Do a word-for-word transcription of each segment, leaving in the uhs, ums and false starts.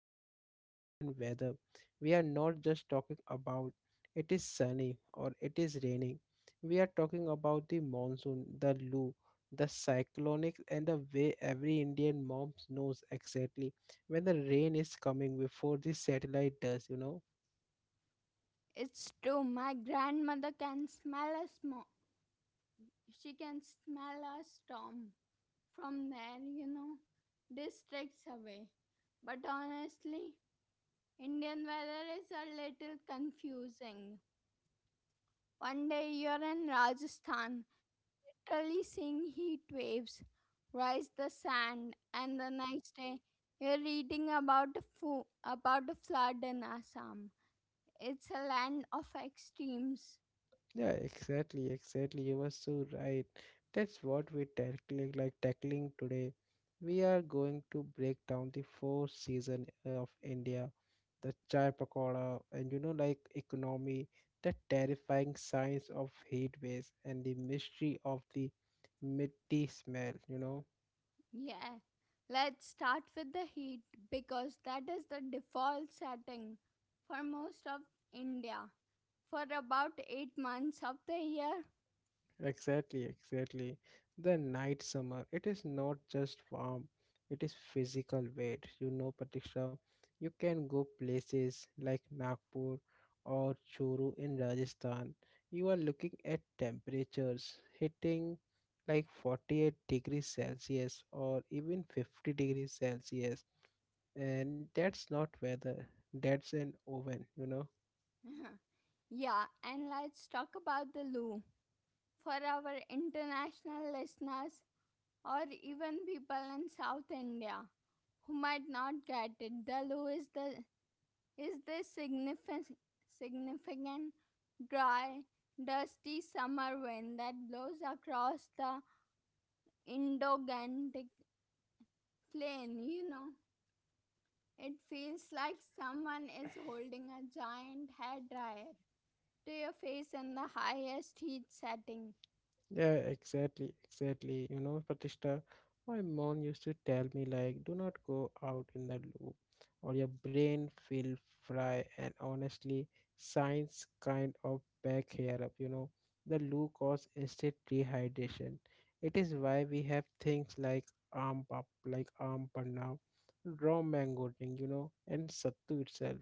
that in Indian weather, we are not just talking about it is sunny or it is raining. We are talking about the monsoon, the Loo, the cyclonic, and the way every Indian mom knows exactly when the rain is coming before the satellite does, you know. It's true. My grandmother can smell a smoke. She can smell a storm from there, you know, districts away. But honestly, Indian weather is a little confusing. One day you're in Rajasthan, literally seeing heat waves rise the sand, and the next day you're reading about a fo- about a flood in Assam. It's a land of extremes. Yeah, exactly, exactly. You were so right. That's what we're tackling, like tackling today. We are going to break down the fourth season of India, the chai pakoda, and you know, like economy, the terrifying science of heat waves, and the mystery of the mitti smell, you know. Yeah. Let's start with the heat because that is the default setting for most of India for about eight months of the year. Exactly, exactly. The night summer, it is not just warm, it is physical weight. You know, Patricia, you can go places like Nagpur or Churu in Rajasthan. You are looking at temperatures hitting like forty-eight degrees Celsius or even fifty degrees Celsius, and that's not weather, that's an oven, you know. Yeah, and let's talk about the loo. For our international listeners or even people in South India who might not get it, the loo is the is this significant significant dry dusty summer wind that blows across the Indo-Gangetic plain, you know. It feels like someone is holding a giant hair dryer to your face in the highest heat setting. Yeah, exactly, exactly. You know, Pratishta, my mom used to tell me like, do not go out in the loop, or your brain will fry. And honestly, science kind of back here up. You know, the loop cause instant dehydration. It is why we have things like arm pop, like arm now, raw mango drink, you know, and sattu itself.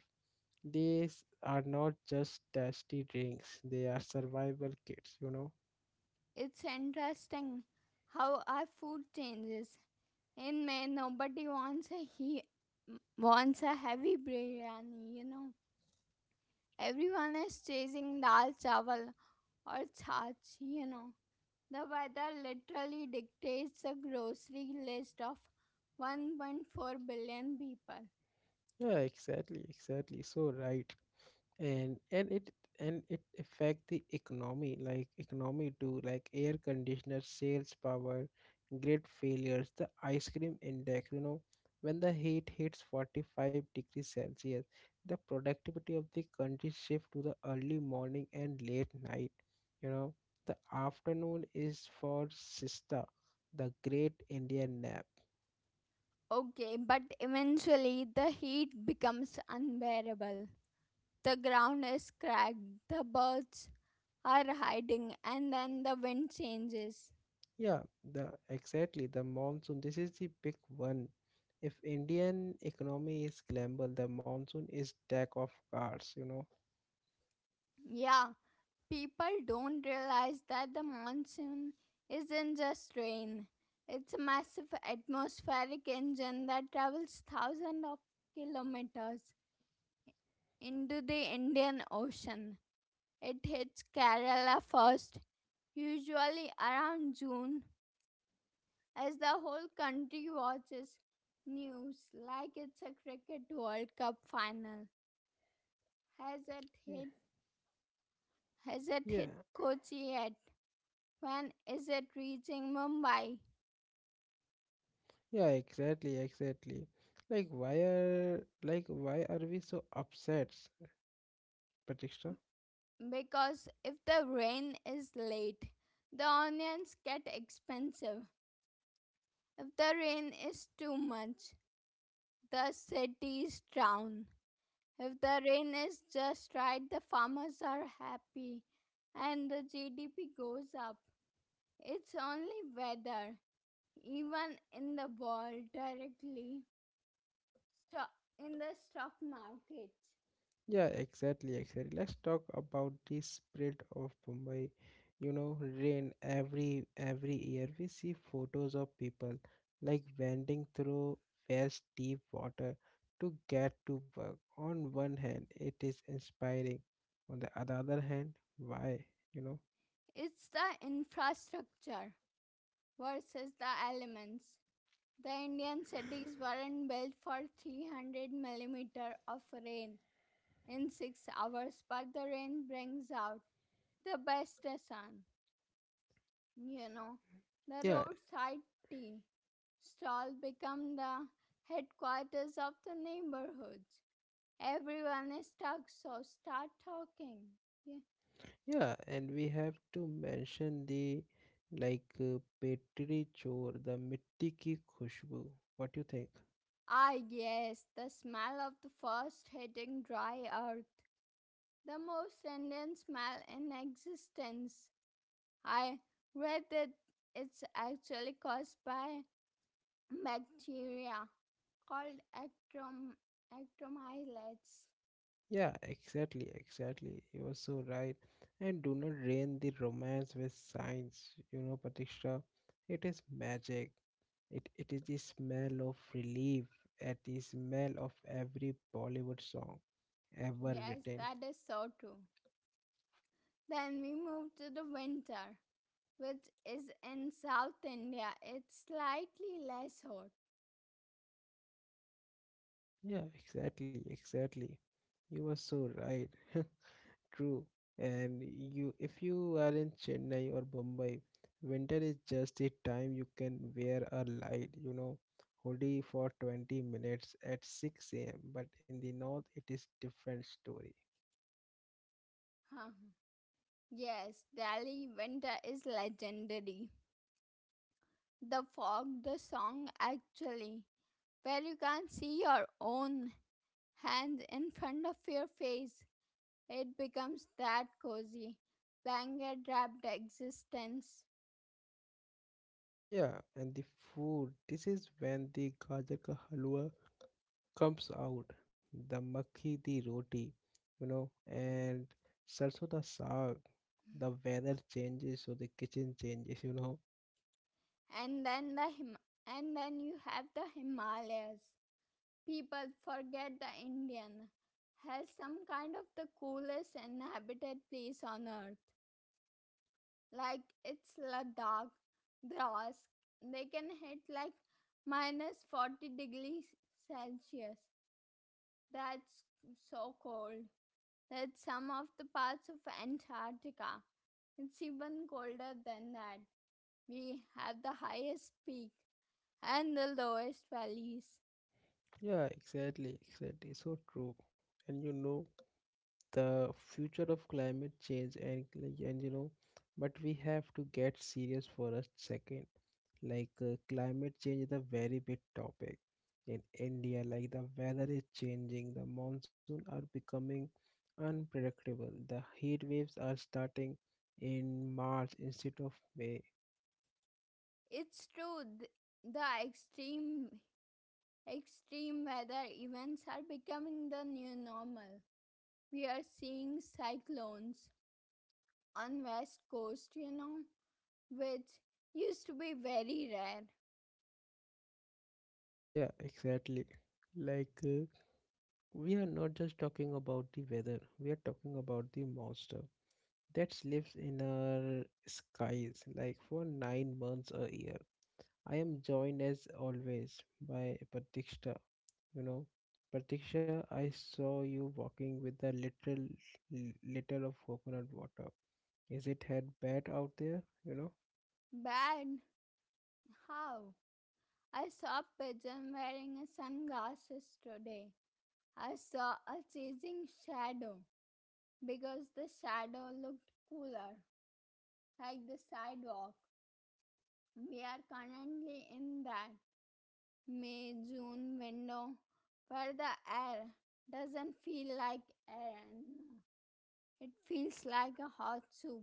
These are not just tasty drinks; they are survival kits, you know. It's interesting how our food changes. In May, nobody wants a he wants a heavy biryani. You know, everyone is chasing dal chawal or chaach. You know, the weather literally dictates the grocery list of one point four billion people. Yeah, exactly, exactly. So right. And and it and it affect the economy, like economy too, like air conditioner sales power, grid failures, the ice cream index, you know. When the heat hits forty-five degrees Celsius, the productivity of the country shift to the early morning and late night, you know. The afternoon is for siesta, the great Indian nap. Okay, but eventually the heat becomes unbearable. The ground is cracked. The birds are hiding, and then the wind changes. Yeah, the exactly the monsoon. This is the big one. If Indian economy is scramble, the monsoon is deck of cards, you know. Yeah, people don't realize that the monsoon isn't just rain. It's a massive atmospheric engine that travels thousands of kilometers into the Indian Ocean. It hits Kerala first, usually around June, as the whole country watches news like it's a cricket World Cup final. Has it Yeah, hit hasn't yeah, hit Kochi yet? When is it reaching Mumbai? yeah, exactly, exactly. Like why are like why are we so upset, Patricia? Because if the rain is late, the onions get expensive. If the rain is too much, the cities drown. If the rain is just right, the farmers are happy and the G D P goes up. It's only weather, even in the world directly, sto- in the stock market. Yeah, exactly, exactly. Let's talk about the spread of Mumbai. You know, rain every every year we see photos of people like wending through vast deep water to get to work. On one hand, it is inspiring. On the other other hand, why? You know? It's the infrastructure versus the elements. The Indian cities weren't built for three hundred millimeter of rain in six hours, but the rain brings out the best sun. You know, the Yeah, roadside tea stall become the headquarters of the neighborhoods. Everyone is stuck, so start talking. Yeah. yeah. And we have to mention the like uh, Petri Chor, the mitti ki khushbu. What do you think? Ah, yes, the smell of the first hitting dry earth, the most Indian smell in existence. I read that it's actually caused by bacteria called actrom- acromyletes. Yeah, exactly, exactly. You are so right. And do not drain the romance with science, you know, Patiksha. It is magic. It it is the smell of relief at the smell of every Bollywood song ever Yes, written. that is so true. Then we move to the winter, which is in South India. It's slightly less hot. Yeah, exactly, exactly. You were so right. True. And you, if you are in Chennai or Bombay, winter is just a time you can wear a light, you know, hoodie for twenty minutes at six a m. But in the north it is different story. Huh. Yes, Delhi winter is legendary. The fog, the song actually, where you can't see your own, and in front of your face, it becomes that cozy, blanket wrapped existence. Yeah, and the food. This is when the gajar ka halwa comes out, the makhi the roti, you know, and sarson da saag. The weather changes, so the kitchen changes, you know. And then the Him- and then you have the Himalayas. People forget the Indian has some kind of the coolest inhabited place on earth. Like it's Ladakh, Drask. They can hit like minus forty degrees Celsius. That's so cold that some of the parts of Antarctica it's even colder than that. We have the highest peak and the lowest valleys. Yeah, exactly, exactly. So true. And you know the future of climate change and cl- and you know, but we have to get serious for a second. Like uh, climate change is a very big topic in India. Like the weather is changing, the monsoon are becoming unpredictable. The heat waves are starting in March instead of May. It's true th- the extreme extreme weather events are becoming the new normal. We are seeing cyclones on west coast, you know, which used to be very rare. Yeah, exactly. Like. Uh, We are not just talking about the weather, we are talking about the monster that lives in our skies like for nine months a year. I am joined as always by Pratiksha. You know, Pratiksha, I saw you walking with a little l- liter of coconut water. Is it had bad out there? You know? Bad how? I saw a pigeon wearing a sunglasses today. I saw a chasing shadow because the shadow looked cooler, like the sidewalk. We are currently in that May June window where the air doesn't feel like air anymore. It feels like a hot soup.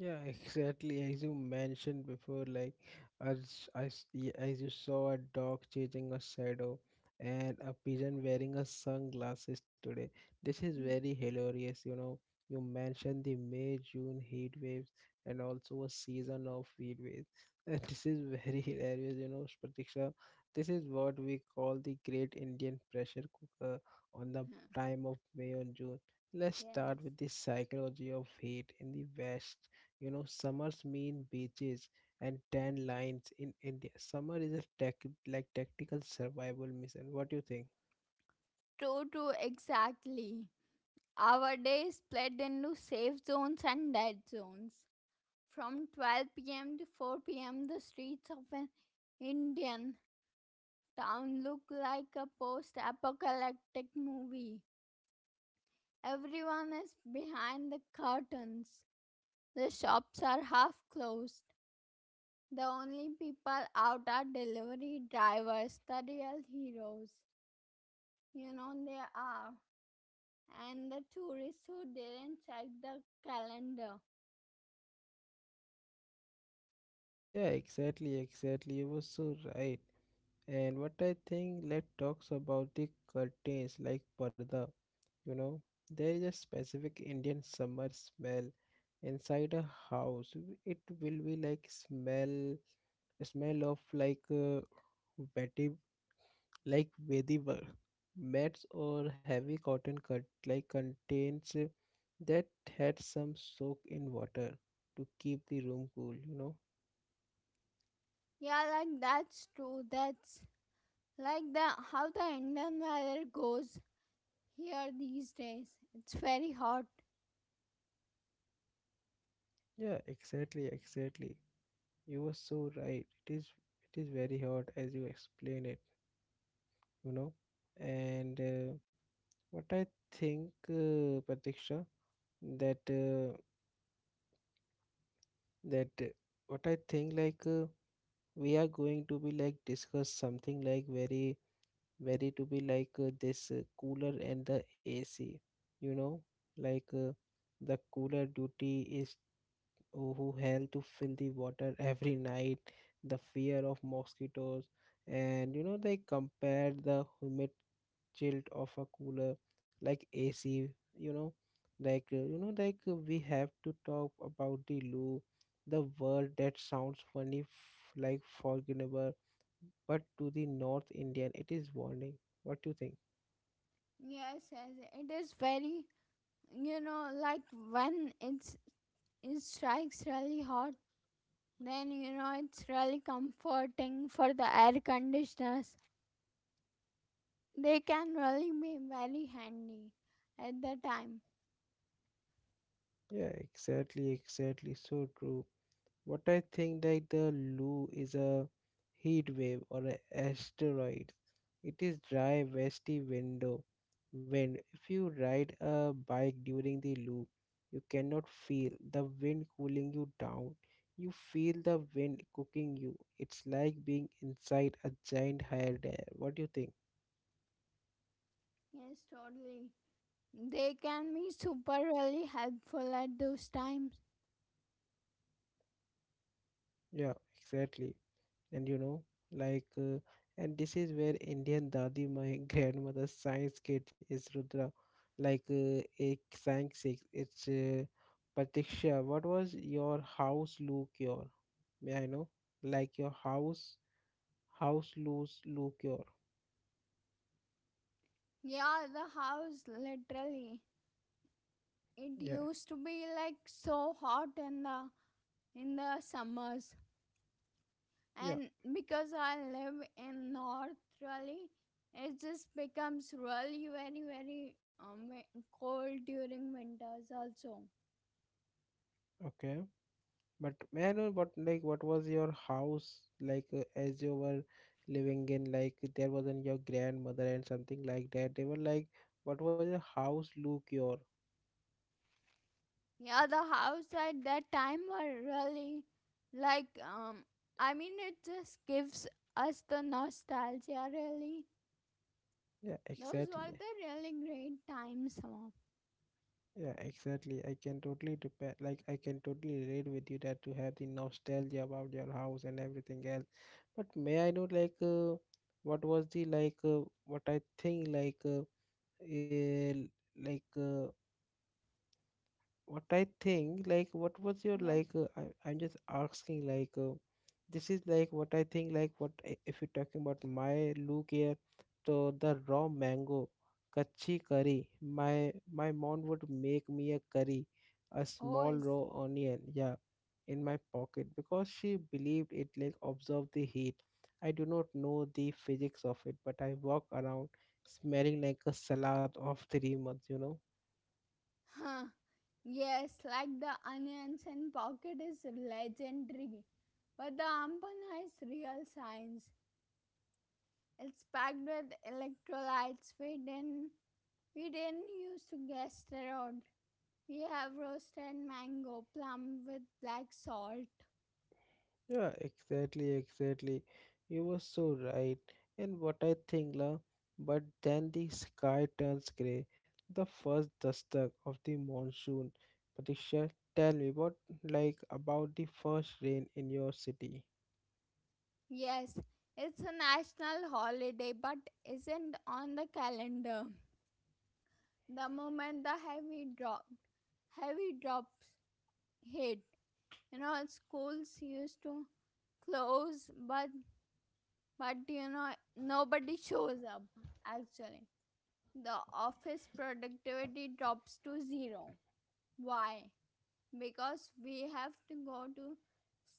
Yeah, exactly. As you mentioned before, like as I s- y- as you saw a dog chasing a shadow and a pigeon wearing a sunglasses today. This is very hilarious, you know. You mentioned the May June heat waves, and also a season of heat waves. And this is very hilarious, you know, Pratiksha. This is what we call the Great Indian Pressure Cooker on the prime of May and June. Let's Yes. start with the psychology of heat in the West. You know, summers mean beaches and tan lines. In India, summer is a tech, like tactical survival mission. What do you think? True, true, exactly. Our day is split into safe zones and dead zones. From twelve p m to four p m, the streets of an Indian town look like a post apocalyptic movie. Everyone is behind the curtains. The shops are half closed. The only people out are delivery drivers, the real heroes. You know they are. And the tourists who didn't check the calendar. Yeah, exactly, exactly. You were so right. And what I think, let's talk about the curtains like parda. You know, there is a specific Indian summer smell inside a house. It will be like smell, smell of like uh, wet like vetiver. Mats or heavy cotton cut like contains uh, that had some soak in water to keep the room cool, you know? Yeah, like that's true. That's like the how the Indian weather goes here these days. It's very hot. Yeah, exactly, exactly. You were so right. It is it is very hot as you explain it, you know? And uh, what I think, uh, Pratiksha, that uh, that uh, what I think like uh, we are going to be like discuss something like very very to be like uh, this uh, cooler and the A C, you know, like uh, the cooler duty is who who held to fill the water every night, the fear of mosquitoes, and you know, they compared the humid chill of a cooler like A C, you know, like uh, you know, like uh, we have to talk about the loo, the word that sounds funny, f- like forgettable, but to the North Indian, it is warning. What do you think? Yes, yes, it is very, you know, like when it's it strikes really hot, then you know it's really comforting for the air conditioners. They can really be very handy at the time. Yeah, exactly, exactly. So true. What I think that the Lu is a heat wave or an asteroid. It is dry westy window wind. If you ride a bike during the Lu, you cannot feel the wind cooling you down. You feel the wind cooking you. It's like being inside a giant hairdryer. What do you think? Yes, totally, they can be super really helpful at those times. Yeah, exactly. and you know like uh, And this is where indian dadi my grandmother's science kit is rudra, like uh, a science kit. It's uh, Pratiksha, what was your house look your? May I know, like your house, house loose look your Yeah, the house literally, it Yeah, used to be like so hot in the in the summers, yeah, and because I live in north really, it just becomes really very very um, wi- cold during winters also. okay. But may I know what, like what was your house like uh, as you were living in? Like there wasn't your grandmother and something like that? They were like, what was your house look your? Yeah, the house at that time were really like, um I mean, it just gives us the nostalgia really. Yeah, Those were exactly. the really great times, Mom. Yeah, exactly. I can totally depend, like I can totally relate with you that you have the nostalgia about your house and everything else. But may I know, like, uh, what was the like, uh, what I think, like, uh, eh, like, uh, what I think, like, what was your Yes. like? Uh, I, I'm just asking, like, uh, this is like what I think, like, what i- if you're talking about my look here, so the raw mango, kachi curry. My my mom would make me a curry, a Oh. small raw onion, yeah, in my pocket because she believed it like absorb the heat. I do not know the physics of it, but I walk around smelling like a salad of three months, you know. Huh. Yes, like the onions and pocket is legendary. But the ampana is real science. It's packed with electrolytes we didn't we didn't use to guess around. We have roasted mango plum with black salt. Yeah, exactly, exactly. You were so right. And what I think, la, but then the sky turns grey. The first dustak of the monsoon. Patricia, tell me what like about the first rain in your city? Yes, it's a national holiday but isn't on the calendar. The moment the heavy drop heavy drops hit, you know schools used to close, but but you know nobody shows up, actually the office productivity drops to zero. Why? Because we have to go to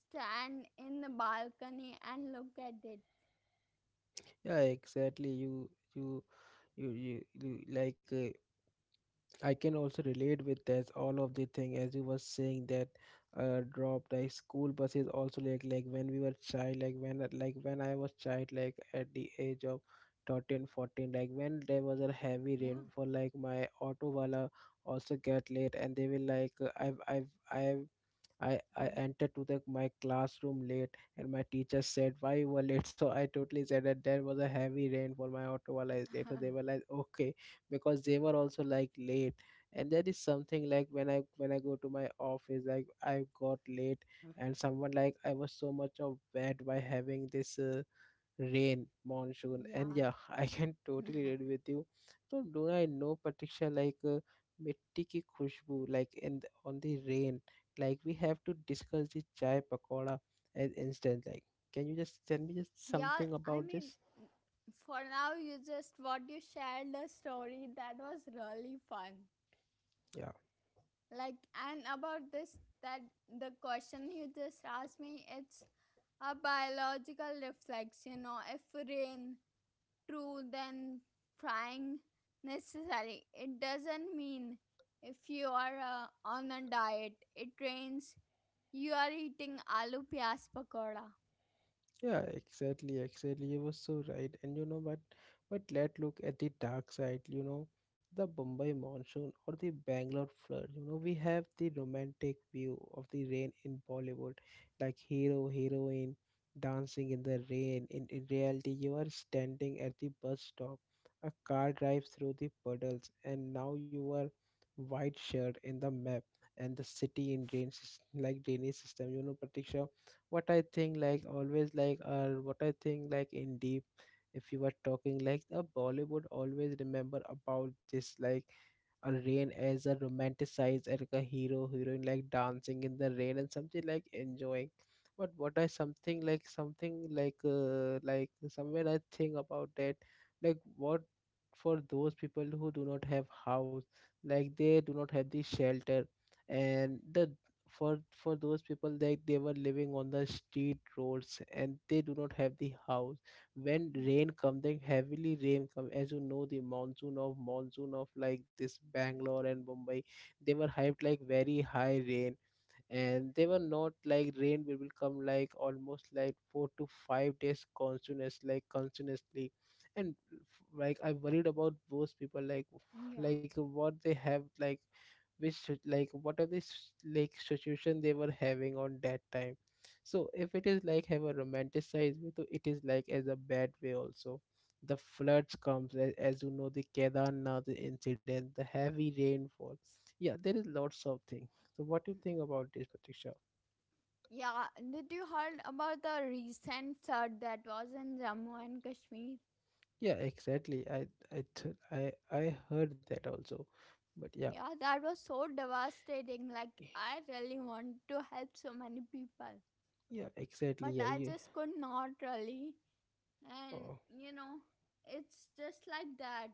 stand in the balcony and look at it. Yeah, exactly. You you you you, you like uh, I can also relate with this all of the thing, as you were saying, that uh drop like school buses also like like when we were child like when like when I was child like at the age of thirteen fourteen, like when there was a heavy Yeah, rainfall, like my auto wala also get late, and they will like uh, I've I've I've I, I entered to the my classroom late, and my teacher said why you were late. So I totally said that there was a heavy rain, for my auto while I is late, so they were like okay, because they were also like late. And that is something like when I when I go to my office, like I got late, and someone like I was so much of bad by having this uh, rain, monsoon, and yeah, yeah, I can totally relate with you. So do I know Patricia like uh, mitti ki khushbu, like in the, on the rain. Like we have to discuss the chai pakoda as instant. Like, can you just tell me just yeah, something I about mean, this? for now you just what you shared the story that was really fun. Yeah. Like, and about this, that the question you just asked me, it's a biological reflection or if rain true, then frying necessary. It doesn't mean if you are uh, on a diet, it rains, you are eating aloo pyas pakoda. Yeah, exactly, exactly. You were so right. And you know, but but let's look at the dark side, you know, the Bombay monsoon or the Bangalore flood. You know, we have the romantic view of the rain in Bollywood, like hero, heroine dancing in the rain. In, in reality, you are standing at the bus stop. A car drives through the puddles, and now you are white shirt in the map and the city in rain sys- like drainage system. You know, Pratiksha, what I think like always like or what I think like in deep, if you were talking like the Bollywood always remember about this like a rain as a romanticized and like a hero heroine like dancing in the rain and something like enjoying, but what I something like something like uh, like somewhere I think about that like what for those people who do not have house, like they do not have the shelter and the for for those people like they were living on the street roads and they do not have the house. When rain come then heavily rain come, as you know the monsoon of monsoon of like this Bangalore and Mumbai, they were hyped like very high rain, and they were not like rain will will come like almost like four to five days continuous like continuously. And like I worried about those people, like Yeah. like what they have like which sit- like what are the s- like situation they were having on that time. So if it is like have a romanticized way, so it is like as a bad way also. The floods comes as as you know, the Kedarnath incident, the heavy rainfall. Yeah, there is lots of things. So what do you Mm. think about this, Pratiksha? Yeah, did you heard about the recent flood that was in Jammu and Kashmir? Yeah, exactly, I I th- I I heard that also, but yeah. Yeah, that was so devastating. Like, I really want to help so many people, Yeah, exactly, but yeah, I you. just could not really. And, Oh. you know, it's just like that.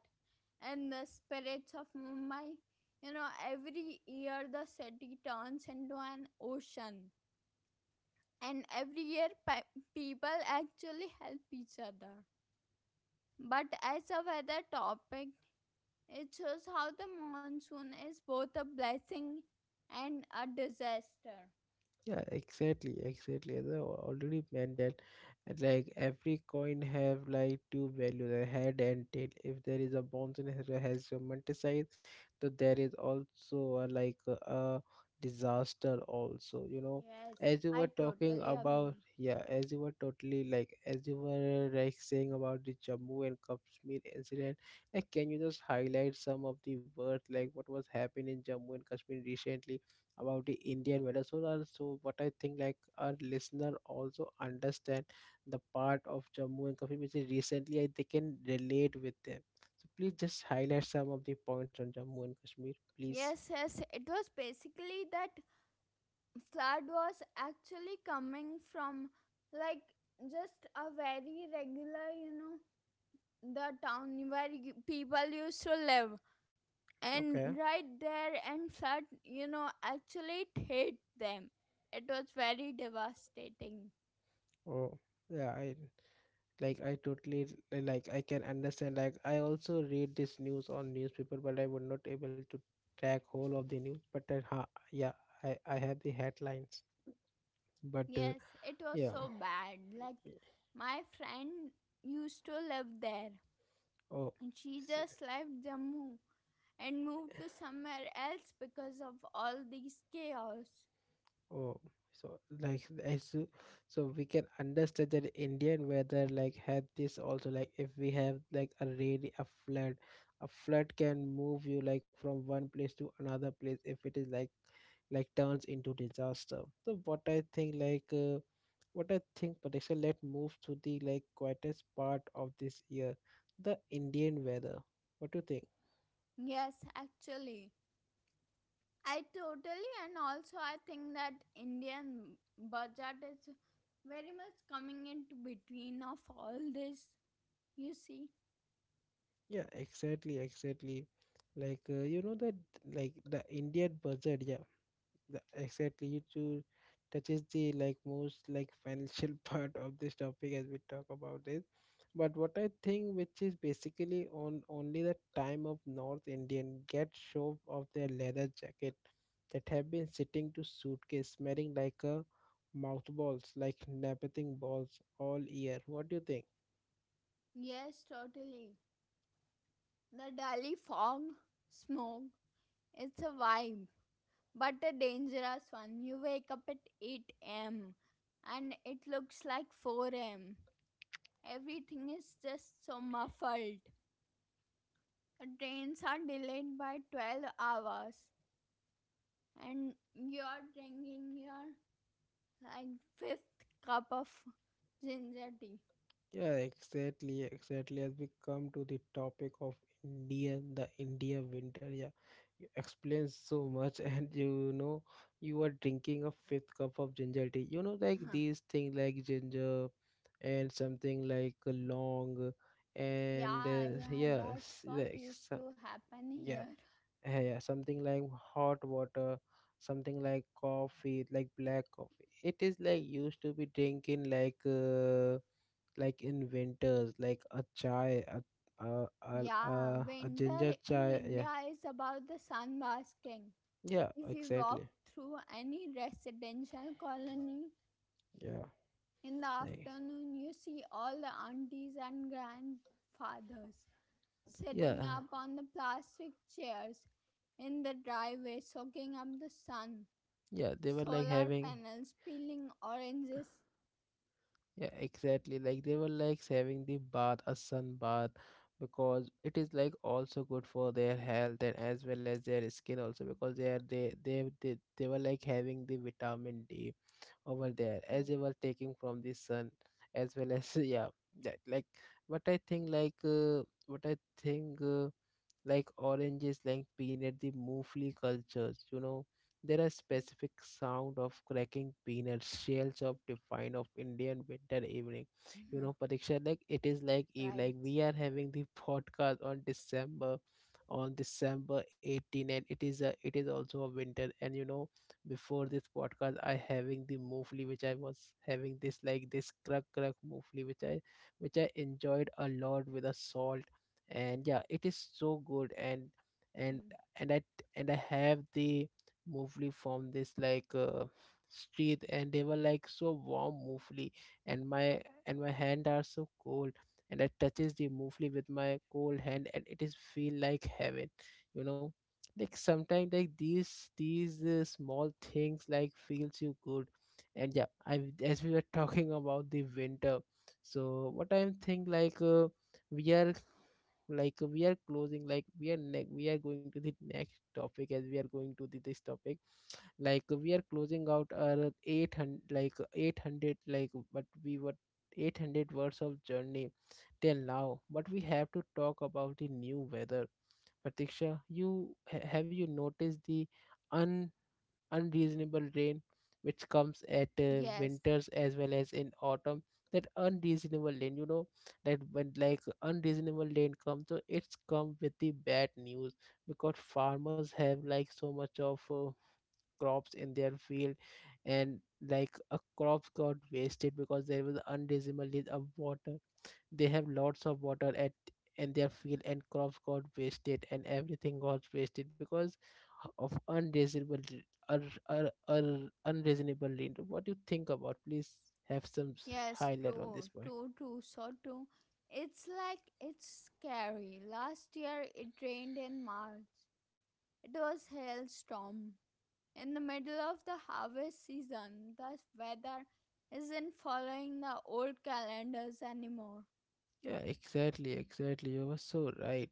And the spirits of Mumbai, you know, every year the city turns into an ocean. And every year pe- people actually help each other. But as a weather topic, it shows how the monsoon is both a blessing and a disaster. Yeah, exactly, exactly. As I al- already mentioned, and like every coin have like two values, a head and tail. If there is a bounce and it has romanticized, so there is also a, like a, a disaster also. You know, Yes, as you I were talking totally about, agree. yeah, as you were totally like as you were like saying about the Jammu and Kashmir incident, like can you just highlight some of the words like what was happening in Jammu and Kashmir recently? About the Indian weather. So also what I think like our listener also understand the part of Jammu and Kashmir which is recently I, they can relate with them. So please just highlight some of the points on Jammu and Kashmir, please. Yes, yes, it was basically that flood was actually coming from, like, just a very regular, you know, the town where you- people used to live. Okay. And right there, and flood, you know, actually it hit them. It was very devastating. Oh, yeah, I like I totally l- like I can understand. Like I also read this news on newspaper, but I was not able to track whole of the news. But uh, ha, yeah, I I have the headlines. But uh, Yes, it was yeah, so bad. Like y- my friend used to live there oh. and she s- just left Jammu and moved to somewhere else because of all these chaos. Oh, so like as, so we can understand that Indian weather like had this also, like if we have like a rainy a flood, a flood can move you like from one place to another place if it is like like turns into disaster. So what I think like uh, what I think Patricia, let move to the like quietest part of this year, the Indian weather. What do you think? Yes, actually. I totally and also I think that Indian budget is very much coming into between of all this, you see. Yeah, exactly, exactly. Like uh, you know that like the Indian budget, yeah. The- exactly it to touches the like most like financial part of this topic as we talk about it, but what I think which is basically on only the time of North Indian get show of their leather jacket that have been sitting to suitcase smelling like a mouthballs like napping balls all year. What do you think? Yes, totally. The Delhi fog, smoke, it's a vibe but a dangerous one. You wake up at eight a m and it looks like four a m. Everything is just so muffled. The trains are delayed by twelve hours and you're drinking your like fifth cup of ginger tea. Yeah, exactly, exactly. As we come to the topic of India, the India winter, yeah, you explain so much, and you know, you are drinking a fifth cup of ginger tea. You know, like Huh. these things like ginger and something like a long, and Yeah, uh, yeah, yeah, that's s- what like used so, to happen yeah, here. eh, yeah, something like hot water, something like coffee, like black coffee. It is like used to be drinking like. Uh, like in winters, like a chai, a a a, a, Yeah, a winter ginger in chai. Yeah, India is about the sun basking. yeah, If you walk exactly. through any residential colony Yeah, in the like, afternoon, you see all the aunties and grandfathers sitting yeah, up on the plastic chairs in the driveway, soaking up the sun, yeah. They were like solar having, panels peeling oranges. yeah, exactly. Like they were like having the bath, a sun bath, because it is like also good for their health and as well as their skin also because they are they they they, they were like having the vitamin D over there as they were taking from the sun, as well as yeah, that like what I think like uh, what i think uh, like oranges like peanut the mofli cultures, you know, there are specific sound of cracking peanuts shells of define of Indian winter evening. You Mhm. know Pariksha, like it is like e- like Right. we are having the podcast on december on december eighteenth, and it is a it is also a winter, and you know, before this podcast I having the mofli which I was having this like this crack crack mofli which i which i enjoyed a lot with a salt. And yeah, it is so good, and and Hmm. and i and i have the mofli from this like uh, street, and they were like so warm mofli, and my and my hand are so cold, and I touches the mufli with my cold hand, and it is feel like heaven. You know, like sometimes like these these uh, small things like feels you good. And yeah I, as we were talking about the winter, so what I'm think like uh, we are like we are closing like we are ne- we are going to the next topic as we are going to the, this topic, like we are closing out our eight hundred like eight hundred like but we were eight hundred words of journey till now, but we have to talk about the new weather. Pratiksha, you ha- have you noticed the un unreasonable rain which comes at uh, Yes, winters as well as in autumn? That unreasonable rain, you know, that when like unreasonable rain comes, so it's come with the bad news because farmers have like so much of uh, crops in their field, and like a crops got wasted because there was unreasonable need of water. They have lots of water at in their field, and crops got wasted and everything got wasted because of unreasonable re- un- un- un- unreasonable reason. What do you think about? Please have some s- yes, high level on this true, point. true, true, so true. It's like it's scary. Last year it rained in March. It was hailstorm in the middle of the harvest season. The weather isn't following the old calendars anymore. Yeah, exactly, exactly. You were so right.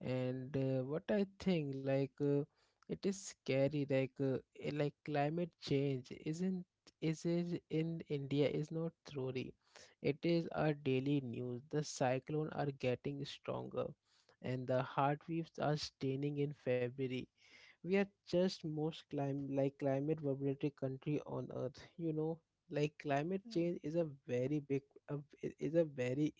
And uh, what I think, like, uh, it is scary. Like, uh, eh, like climate change isn't, is it in India is not theory. It is our daily news. The cyclone are getting stronger, and the heart waves are staining in February. We are just most clim like climate vulnerable country on earth. You know, like climate Yeah. change is a very big, a, is a very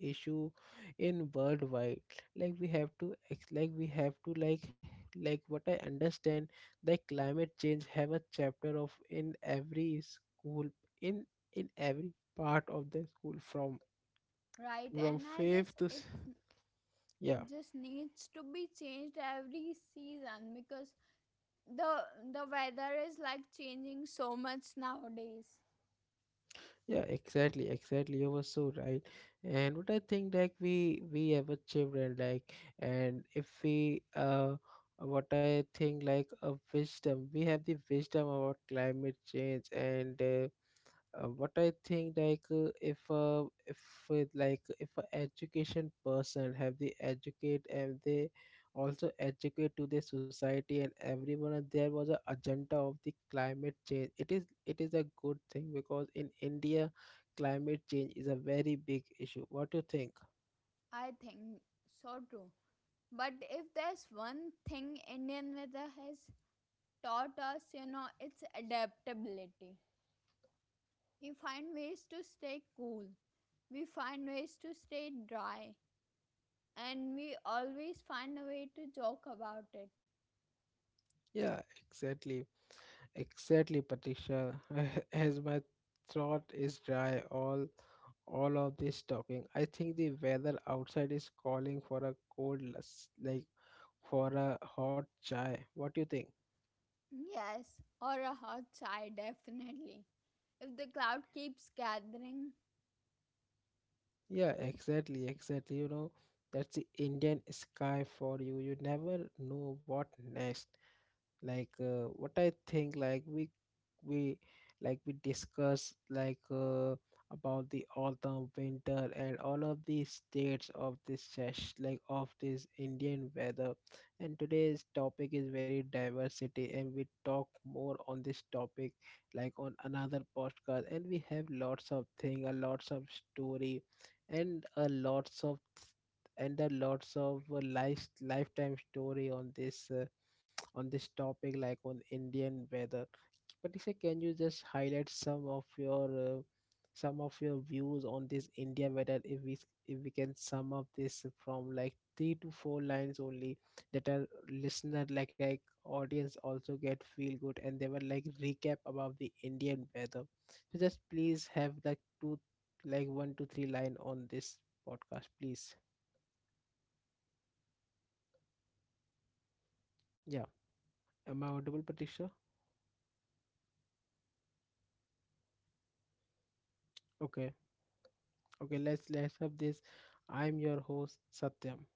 issue in worldwide. Like we have to ex- like we have to like like what I understand the climate change have a chapter of in every school in in every part of the school from Right, from and I fifth guess to it s-, yeah. it just needs to be changed every season because the the weather is like changing so much nowadays. Yeah, exactly, exactly, you were so right. And what I think like we we have a children like, and if we uh what I think like a wisdom, we have the wisdom about climate change, and uh, uh, what I think like uh, if uh, if uh, like if a education person have, they educate, and they also educate to the society and everyone, and there was a agenda of the climate change. It is it is a good thing because in India climate change is a very big issue. What do you think? I think so too. But if there's one thing Indian weather has taught us, you know, it's adaptability. We find ways to stay cool, we find ways to stay dry, and we always find a way to joke about it. Yeah, exactly. Exactly, Patricia. As my throat is dry, all all of this talking, I think the weather outside is calling for a cold, lus- like for a hot chai. What do you think? Yes, or a hot chai, definitely, if the cloud keeps gathering. Yeah, exactly, exactly. You know, that's the Indian sky for you. You never know what next. Like uh, what I think like we we like we discuss like uh, about the autumn winter and all of these states of this sesh like of this Indian weather, and today's topic is very diversity, and we talk more on this topic like on another podcast, and we have lots of thing a lots Yes, of story and I a agree, lots of and a it was lots of very uh, very life much lifetime story on drastic. This uh, it's on this very topic important like to on talk about Indian the weather. weather these But Isha, days, can you you know, just highlight some of your because uh, the weather some of keeps your on views on this changing. India weather if we if we can sum up this from like Right. three to four lines only, that The our weather listener keeps like on like changing and audience it also get becomes feel good, and different they will all like recap all about the around Indian the weather. world, you So just know. please have like It's two just changing like one so to three line on drastically this podcast, please. all around the world. So Yeah, I really am I hope the audible Patricia? listeners enjoyed our topic today. Okay. Okay, let's let's have this. I'm your host Satyam,